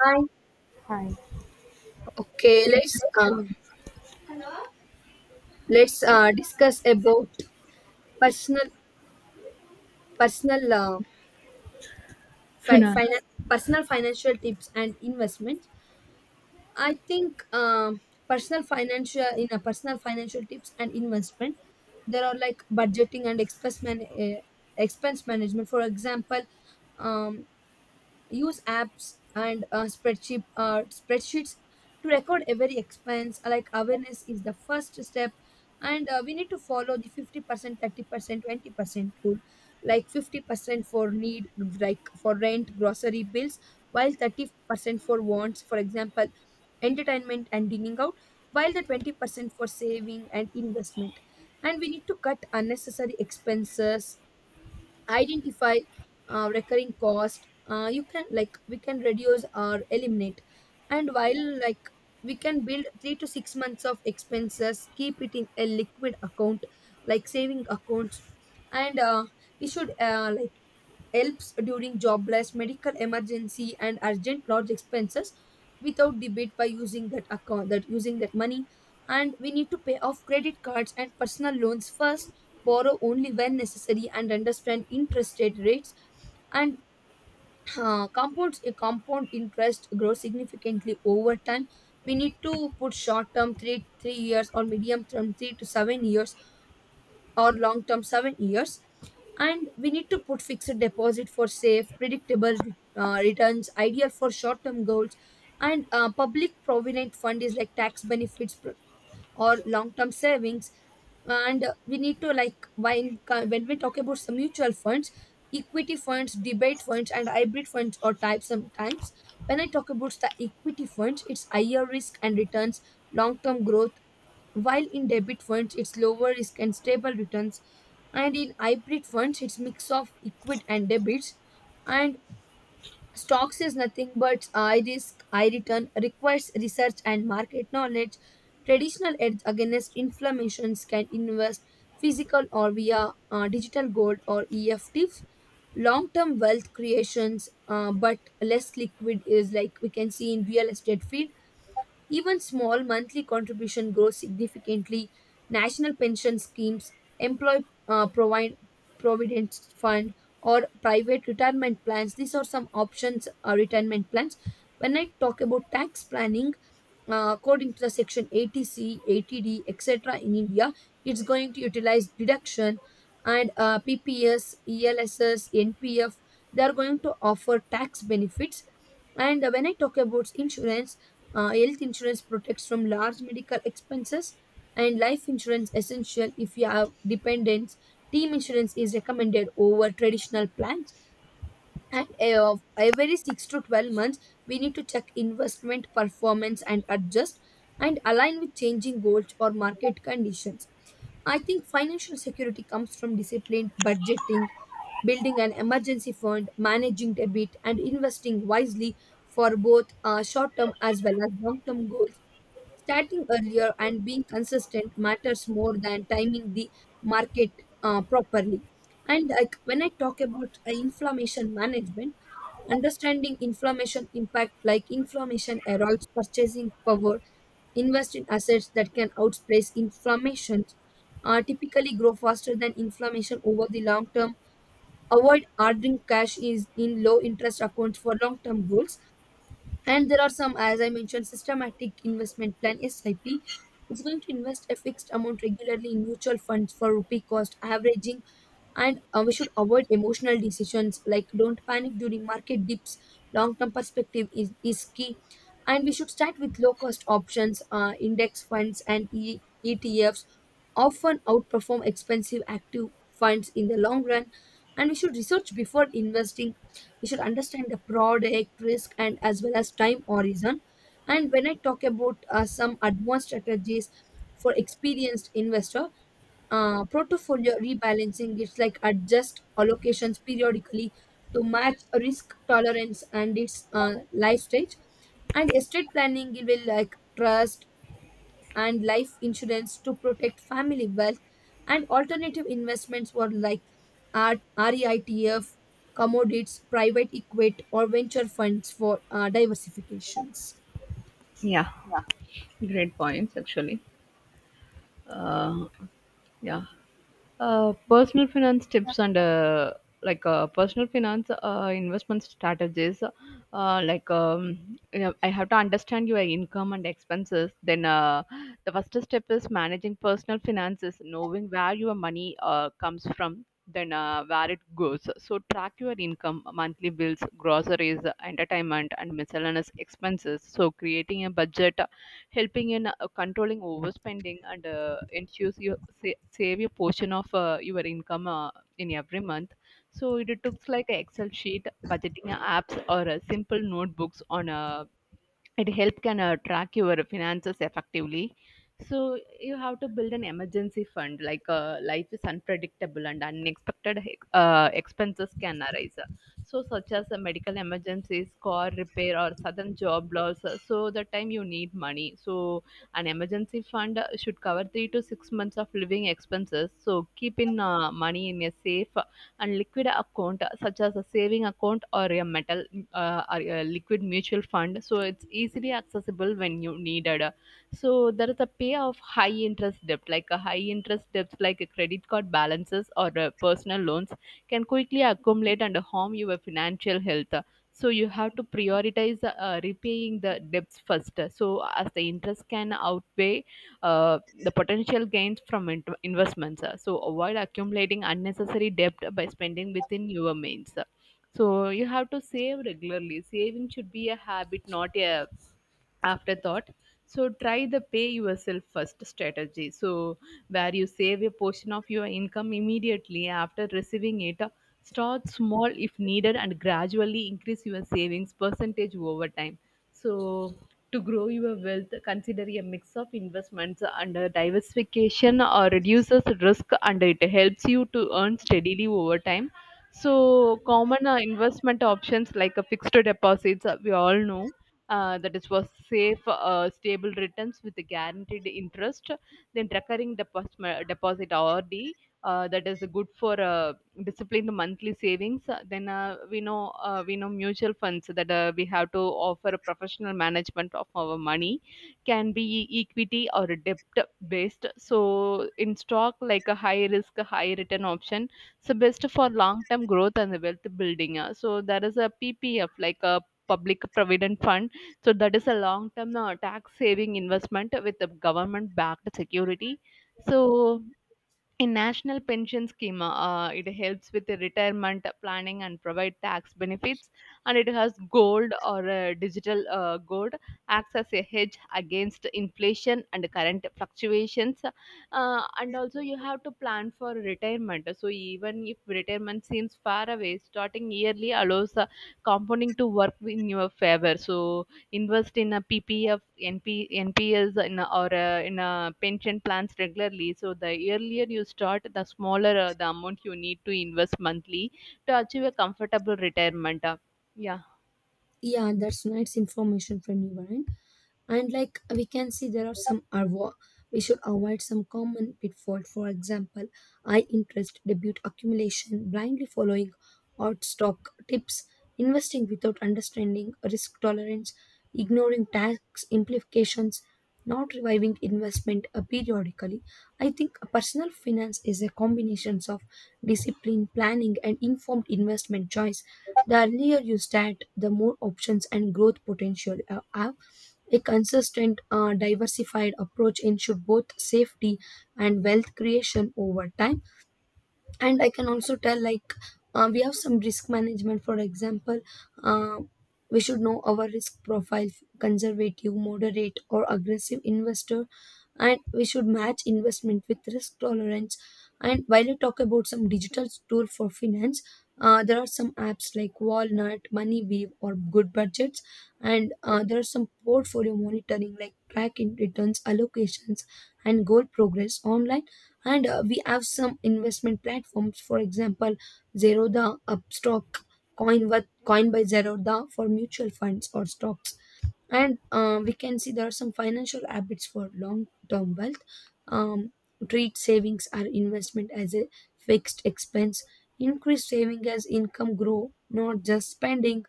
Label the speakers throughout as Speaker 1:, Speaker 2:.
Speaker 1: Hi.
Speaker 2: Hi.
Speaker 1: Okay, uh, let's discuss about personal personal uh,
Speaker 2: Finance.
Speaker 1: personal financial tips and investment. I think personal financial tips and investment, there are like budgeting and expense management. For example, um, use apps and spreadsheets to record every expense like awareness is the first step, and we need to follow the 50% 30% 20% rule, like 50% for need, like for rent, grocery bills, while 30% for wants, for example entertainment and dining out, while the 20% for saving and investment. And we need to cut unnecessary expenses, identify recurring cost you can like we can reduce or eliminate. And while like we can build 3 to 6 months of expenses, keep it in a liquid account like saving accounts. And we should like helps during jobless, medical emergency, and urgent large expenses without debate by using that account, that using that money. And we need to pay off credit cards and personal loans first, borrow only when necessary, and understand interest rates. And compound interest grows significantly over time. We need to put short term three years or medium term 3 to 7 years or long term 7 years, and we need to put fixed deposit for safe, predictable returns, ideal for short term goals. And public provident fund is like tax benefits or long term savings. And we need to like when we talk about some mutual funds, equity funds, debate funds, and hybrid funds or types, sometimes when I talk about the equity funds it's higher risk and returns, long term growth, while in debit funds it's lower risk and stable returns, and in hybrid funds it's mix of equity and debits. And stocks is nothing but high risk, high return, requires research and market knowledge. Traditional edge against inflammations, can invest physical or via digital gold or EFTs. Long term wealth creations, but less liquid, is like we can see in real estate field, even small monthly contribution grows significantly. National pension schemes, employee provident fund, or private retirement plans. These are some options, retirement plans. When I talk about tax planning, according to the section 80C, 80D, etc. in India, it's going to utilize deduction. And PPS, ELSS, NPF, they are going to offer tax benefits. And when I talk about insurance, health insurance protects from large medical expenses, and life insurance essential if you have dependents. Team insurance is recommended over traditional plans. And every 6 to 12 months we need to check investment performance and adjust, and align with changing goals or market conditions. I think financial security comes from disciplined budgeting, building an emergency fund, managing debt, and investing wisely for both short term as well as long term goals. Starting earlier and being consistent matters more than timing the market properly. And like when I talk about inflammation management, understanding inflammation impact, like inflammation erodes purchasing power, invest in assets that can outpace inflammation, typically grow faster than inflammation over the long term. Avoid ordering cash is in low interest accounts for long term goals, and there are some, as I mentioned, systematic investment plan, SIP. It's going to invest a fixed amount regularly in mutual funds for rupee cost averaging, and we should avoid emotional decisions, like don't panic during market dips. Long term perspective is key, and we should start with low cost options, index funds, and ETFs often outperform expensive active funds in the long run. And we should research before investing, we should understand the product risk and as well as time horizon. And when I talk about some advanced strategies for experienced investor, portfolio rebalancing, it's like adjust allocations periodically to match risk tolerance and its life stage. And estate planning, it will like trust and life insurance to protect family wealth. And alternative investments were like REITF, commodities, private equity or venture funds for diversifications.
Speaker 2: Yeah, great points actually. Uh, yeah. Personal finance tips and like personal finance investment strategies. You know, I have to understand your income and expenses. The first step is managing personal finances, knowing where your money comes from, then where it goes. So track your income, monthly bills, groceries, entertainment, and miscellaneous expenses. So creating a budget helping in controlling overspending and ensures you save a portion of your income in every month. So it took like an Excel sheet, budgeting apps, or simple notebooks on it help can track your finances effectively, so you have to build an emergency fund. Like life is unpredictable and unexpected expenses can arise, so such as a medical emergencies, car repair, or sudden job loss. So the time you need money, so an emergency fund should cover 3 to 6 months of living expenses. So keep in money in a safe and liquid account such as a saving account or a metal or a liquid mutual fund, so it's easily accessible when you needed. So there is a pay of high interest debt, like a high interest debts, like a credit card balances or personal loans can quickly accumulate and harm your financial health. So you have to prioritize repaying the debts first, so as the interest can outweigh the potential gains from investments. So avoid accumulating unnecessary debt by spending within your means. So you have to save regularly. Saving should be a habit, not a afterthought. So try the pay yourself first strategy. So where you save a portion of your income immediately after receiving it. Start small if needed and gradually increase your savings percentage over time. So to grow your wealth, consider a mix of investments and diversification reduces risk and it helps you to earn steadily over time. So, common investment options like fixed deposits, we all know. That is for safe, stable returns with a guaranteed interest. Then recurring deposit, RD, that is good for discipline the monthly savings, then we know mutual funds that we have to offer a professional management of our money, can be equity or debt based. So in stock, like a high risk a high return option, so best for long term growth and the wealth building. So there is a ppf like a public provident fund, so that is a long term tax saving investment with the government backed security. So in national pension scheme, it helps with the retirement planning and provide tax benefits, and it has gold or digital gold acts as a hedge against inflation and current fluctuations. And also you have to plan for retirement, so even if retirement seems far away, starting yearly allows compounding to work in your favor. So invest in a ppf NP, nps in a, or in a pension plans regularly. So the earlier you start, the smaller the amount you need to invest monthly to achieve a comfortable retirement. Yeah
Speaker 1: Yeah, that's nice information from you, Varun. And like we can see there are we should avoid some common pitfall, for example high interest debut accumulation, blindly following odd stock tips, investing without understanding risk tolerance, ignoring tax implications, not reviving investment periodically. I think personal finance is a combination of discipline, planning, and informed investment choice. The earlier you start, the more options and growth potential you have. A consistent, diversified approach ensures both safety and wealth creation over time. And I can also tell like we have some risk management, for example uh, we should know our risk profile, conservative, moderate, or aggressive investor, and we should match investment with risk tolerance. And while I talk about some digital tool for finance, there are some apps like Walnut, Moneyweave, or Good Budgets. And there are some portfolio monitoring like tracking returns, allocations, and goal progress online. And we have some investment platforms, for example Zerodha, Upstock, Coin, Coin by Zerodha for mutual funds or stocks. And we can see there are some financial habits for long-term wealth. um, Treat savings or investment as a fixed expense, increase saving as income grow, not just spending,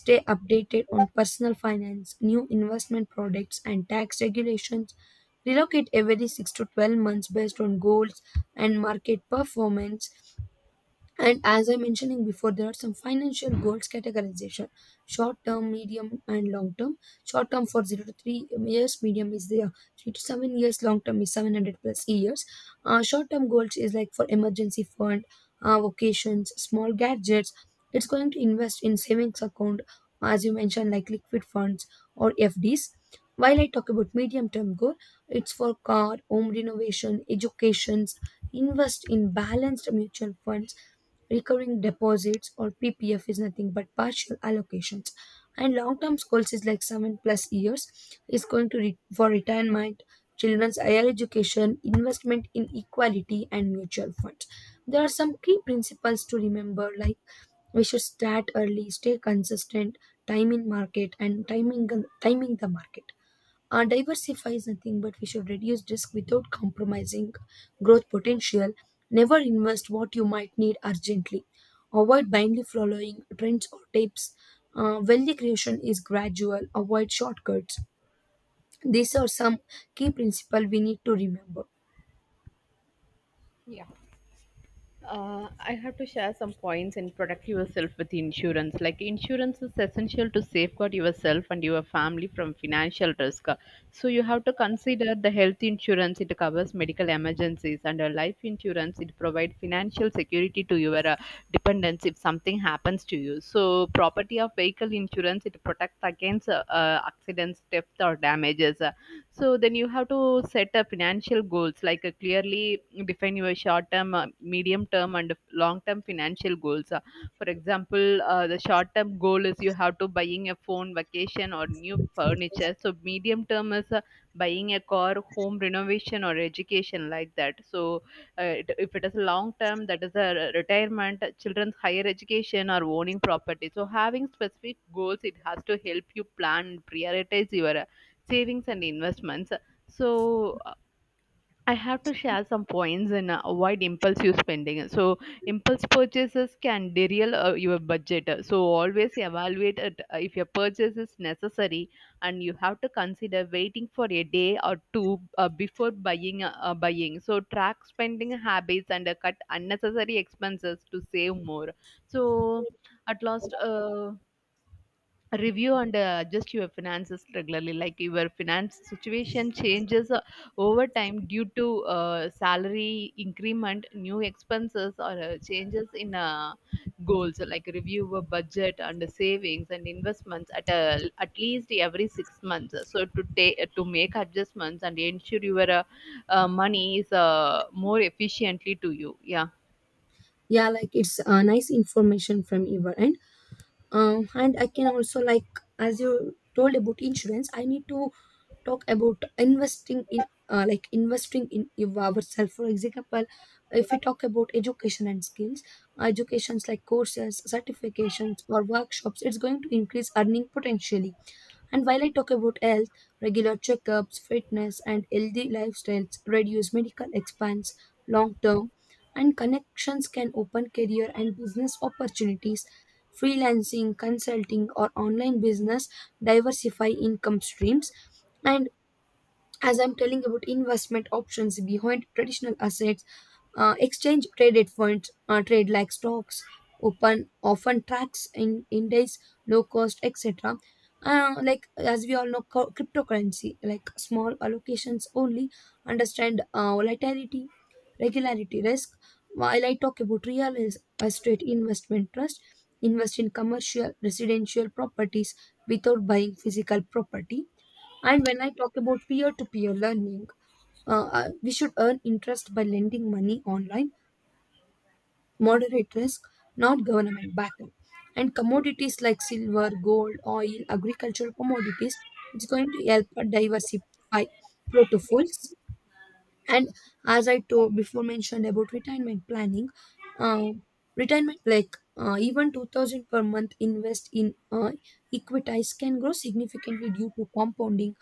Speaker 1: stay updated on personal finance, new investment products and tax regulations, relocate every 6 to 12 months based on goals and market performance. And as I mentioning before, there are some financial goals categorization: short term, medium, and long term. Short term for 0 to 3 years, medium is the 3 to 7 years, long term is 700 plus years. Short term goals is like for emergency fund, vacations, small gadgets. It's going to invest in savings account, as you mentioned, like liquid funds or FDs. While I talk about medium term goal, it's for car, home renovation, educations, invest in balanced mutual funds. Recurring deposits or PPF is nothing but partial allocations. And long term goals is like 7 plus years, is going to for retirement, children's higher education, investment in equality, and mutual funds. There are some key principles to remember, like we should start early, stay consistent, time in market, and timing the market. Diversify is nothing but we should reduce risk without compromising growth potential. Never invest what you might need urgently. Avoid blindly following trends or tips. Wealth creation is gradual, avoid shortcuts. These are some key principles we need to remember.
Speaker 2: I have to share some points in protect yourself with insurance. Like insurance is essential to safeguard yourself and your family from financial risk. So you have to consider the health insurance. It covers medical emergencies, and a life insurance, it provides financial security to your dependents if something happens to you. So property of vehicle insurance, it protects against accidents, theft, or damages. So then you have to set a financial goals, like clearly define your short term, medium term, and long term financial goals. For example, the short term goal is you have to buying a phone, vacation, or new furniture. So medium term is buying a car, home renovation, or education like that. So if it is long term, that is a retirement, children's higher education, or owning property. So having specific goals, it has to help you plan, prioritize your savings and investments. So I have to share some points, and avoid impulsive spending. So impulse purchases can derail your budget, so always evaluate it, if your purchase is necessary, and you have to consider waiting for a day or two before buying. So track spending habits and cut unnecessary expenses to save more. So at last, review and adjust your finances regularly, like your finance situation changes over time due to salary increment, new expenses, or changes in goals. So, like review your budget and savings and investments at a at least every 6 months, so to make adjustments and ensure your money is more efficiently to you. Yeah.
Speaker 1: Yeah, like it's nice information from your end. And I can also like, as you told about insurance, I need to talk about investing in like investing in ourselves, for example if we talk about education and skills, educations like courses, certifications, or workshops, it's going to increase earning potentially. And while I talk about health, regular checkups, fitness, and healthy lifestyles reduce medical expense long term. And connections can open career and business opportunities, freelancing, consulting, or online business, diversify income streams. And as I'm telling about investment options behind traditional assets, exchange traded funds trade like stocks, open often tracks in index, low cost, etc. Like as we all know, cryptocurrency, like small allocations only, understand volatility, regularity, risk. While I talk about real estate investment trust, invest in commercial residential properties without buying physical property. And when I talk about peer to peer learning, we should earn interest by lending money online, moderate risk, not government backed. And commodities like silver, gold, oil, agricultural commodities, it's going to help diversify portfolios. And as I told before, mentioned about retirement planning, uh, retirement like even 2000 per month invest in equities can grow significantly due to compounding,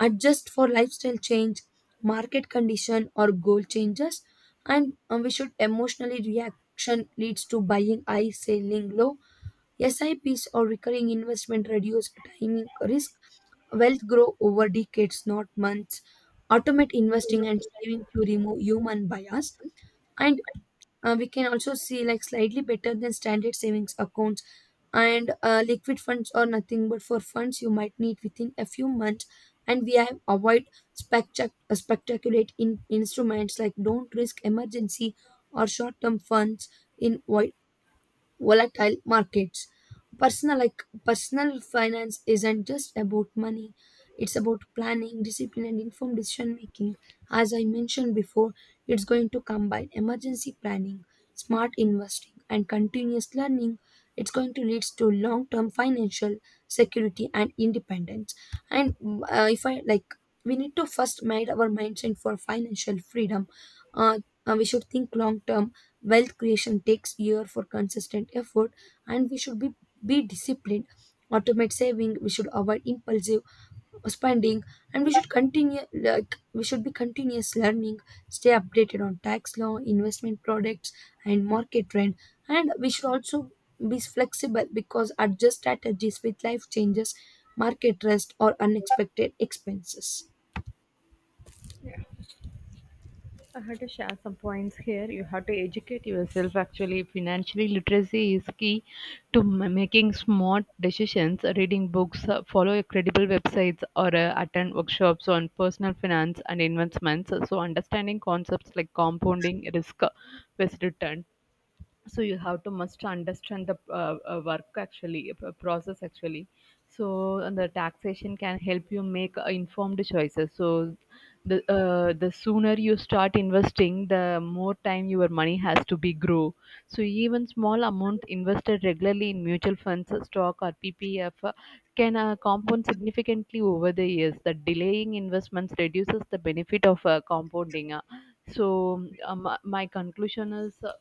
Speaker 1: adjust for lifestyle change, market condition, or goal changes. And we should emotionally reaction leads to buying high, selling low. SIPs or recurring investment reduce timing risk. Wealth grow over decades, not months. Automate investing and saving to remove human bias. And we can also see like slightly better than standard savings accounts, and liquid funds are nothing but for funds you might need within a few months. And we have avoid spectaculate in instruments, like don't risk emergency or short-term funds in volatile markets. Personal finance isn't just about money. It's about planning, discipline, and informed decision making. As I mentioned before, it's going to combine emergency planning, smart investing, and continuous learning. It's going to lead to long term financial security and independence. And if I like, we need to first made our mindset for financial freedom. Uh, we should think long term. Wealth creation takes year for consistent effort, and we should be disciplined, automate saving, we should avoid impulsive spending, and we should be continuous learning, stay updated on tax law, investment products, and market trend. And we should also be flexible, because adjust strategies with life changes, market risk, or unexpected expenses.
Speaker 2: I had to share some points here. You have to educate yourself. Actually, financially literacy is key to making smart decisions. Reading books, follow credible websites, or attend workshops on personal finance and investments. So, understanding concepts like compounding, risk, best return, so you have to must understand the work actually, process actually. So and the taxation can help you make informed choices. So the sooner you start investing, the more time your money has to be grow. So even small amount invested regularly in mutual funds, stock or ppf can compound significantly over the years. The delaying investments reduces the benefit of compounding. My conclusion is,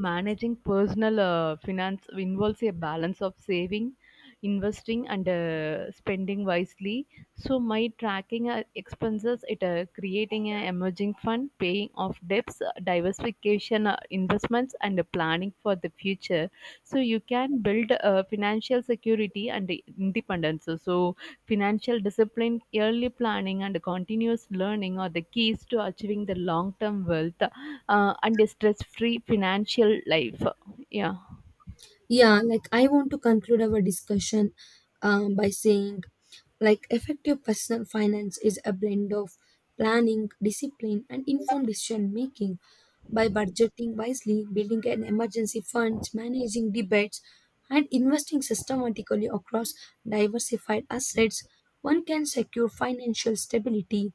Speaker 2: managing personal finance involves a balance of saving, investing, and spending wisely. So, my tracking expenses, it creating an emerging fund, paying off debts, diversification investments, and planning for the future. So, you can build financial security and independence. So, financial discipline, early planning, and continuous learning are the keys to achieving the long term wealth and a stress free financial life. Yeah.
Speaker 1: Yeah, like I want to conclude our discussion by saying like effective personal finance is a blend of planning, discipline, and informed decision making. By budgeting wisely, building an emergency fund, managing debates, and investing systematically across diversified assets, one can secure financial stability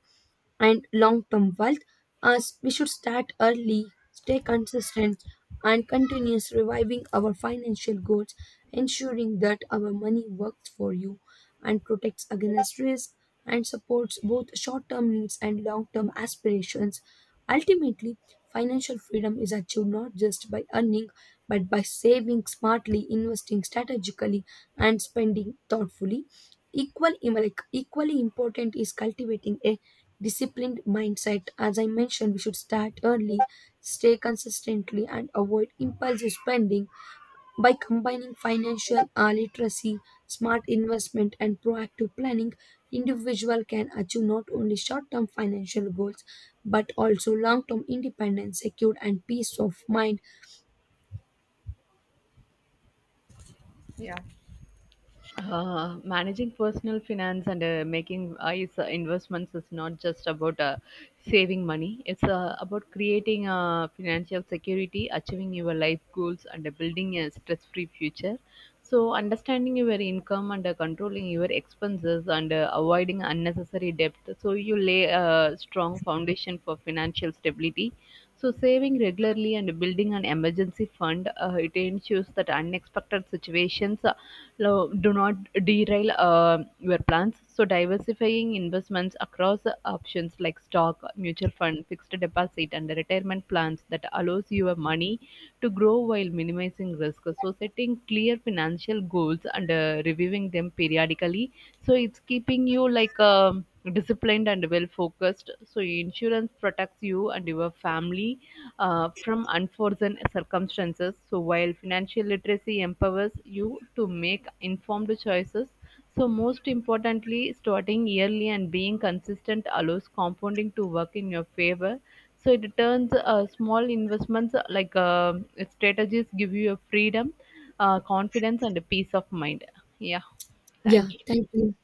Speaker 1: and long-term wealth. As we should start early, stay consistent, and continuous reviving our financial goals, ensuring that our money works for you and protects against risk and supports both short-term needs and long-term aspirations. Ultimately, financial freedom is achieved not just by earning, but by saving smartly, investing strategically, and spending thoughtfully. Equally important is cultivating a disciplined mindset. As I mentioned, we should start early, stay consistently, and avoid impulsive spending. By combining financial literacy, smart investment, and proactive planning, individual can achieve not only short-term financial goals but also long-term independence, secure, and peace of mind.
Speaker 2: Managing personal finance and making wise investments is not just about saving money. It's about creating financial security, achieving your life goals, and building a stress-free future. So, understanding your income and controlling your expenses and avoiding unnecessary debt. So, you lay a strong foundation for financial stability. So, saving regularly and building an emergency fund, it ensures that unexpected situations do not derail your plans. So, diversifying investments across options like stock, mutual fund, fixed deposit, and retirement plans that allows your money to grow while minimizing risk. So, setting clear financial goals and reviewing them periodically. So, it's keeping you disciplined and well focused. So insurance protects you and your family from unforeseen circumstances, so while financial literacy empowers you to make informed choices. So most importantly, starting early and being consistent allows compounding to work in your favor. So it turns small investments like strategies give you a freedom, confidence, and a peace of mind. Yeah,
Speaker 1: Yeah,
Speaker 2: thank you.
Speaker 1: thank you.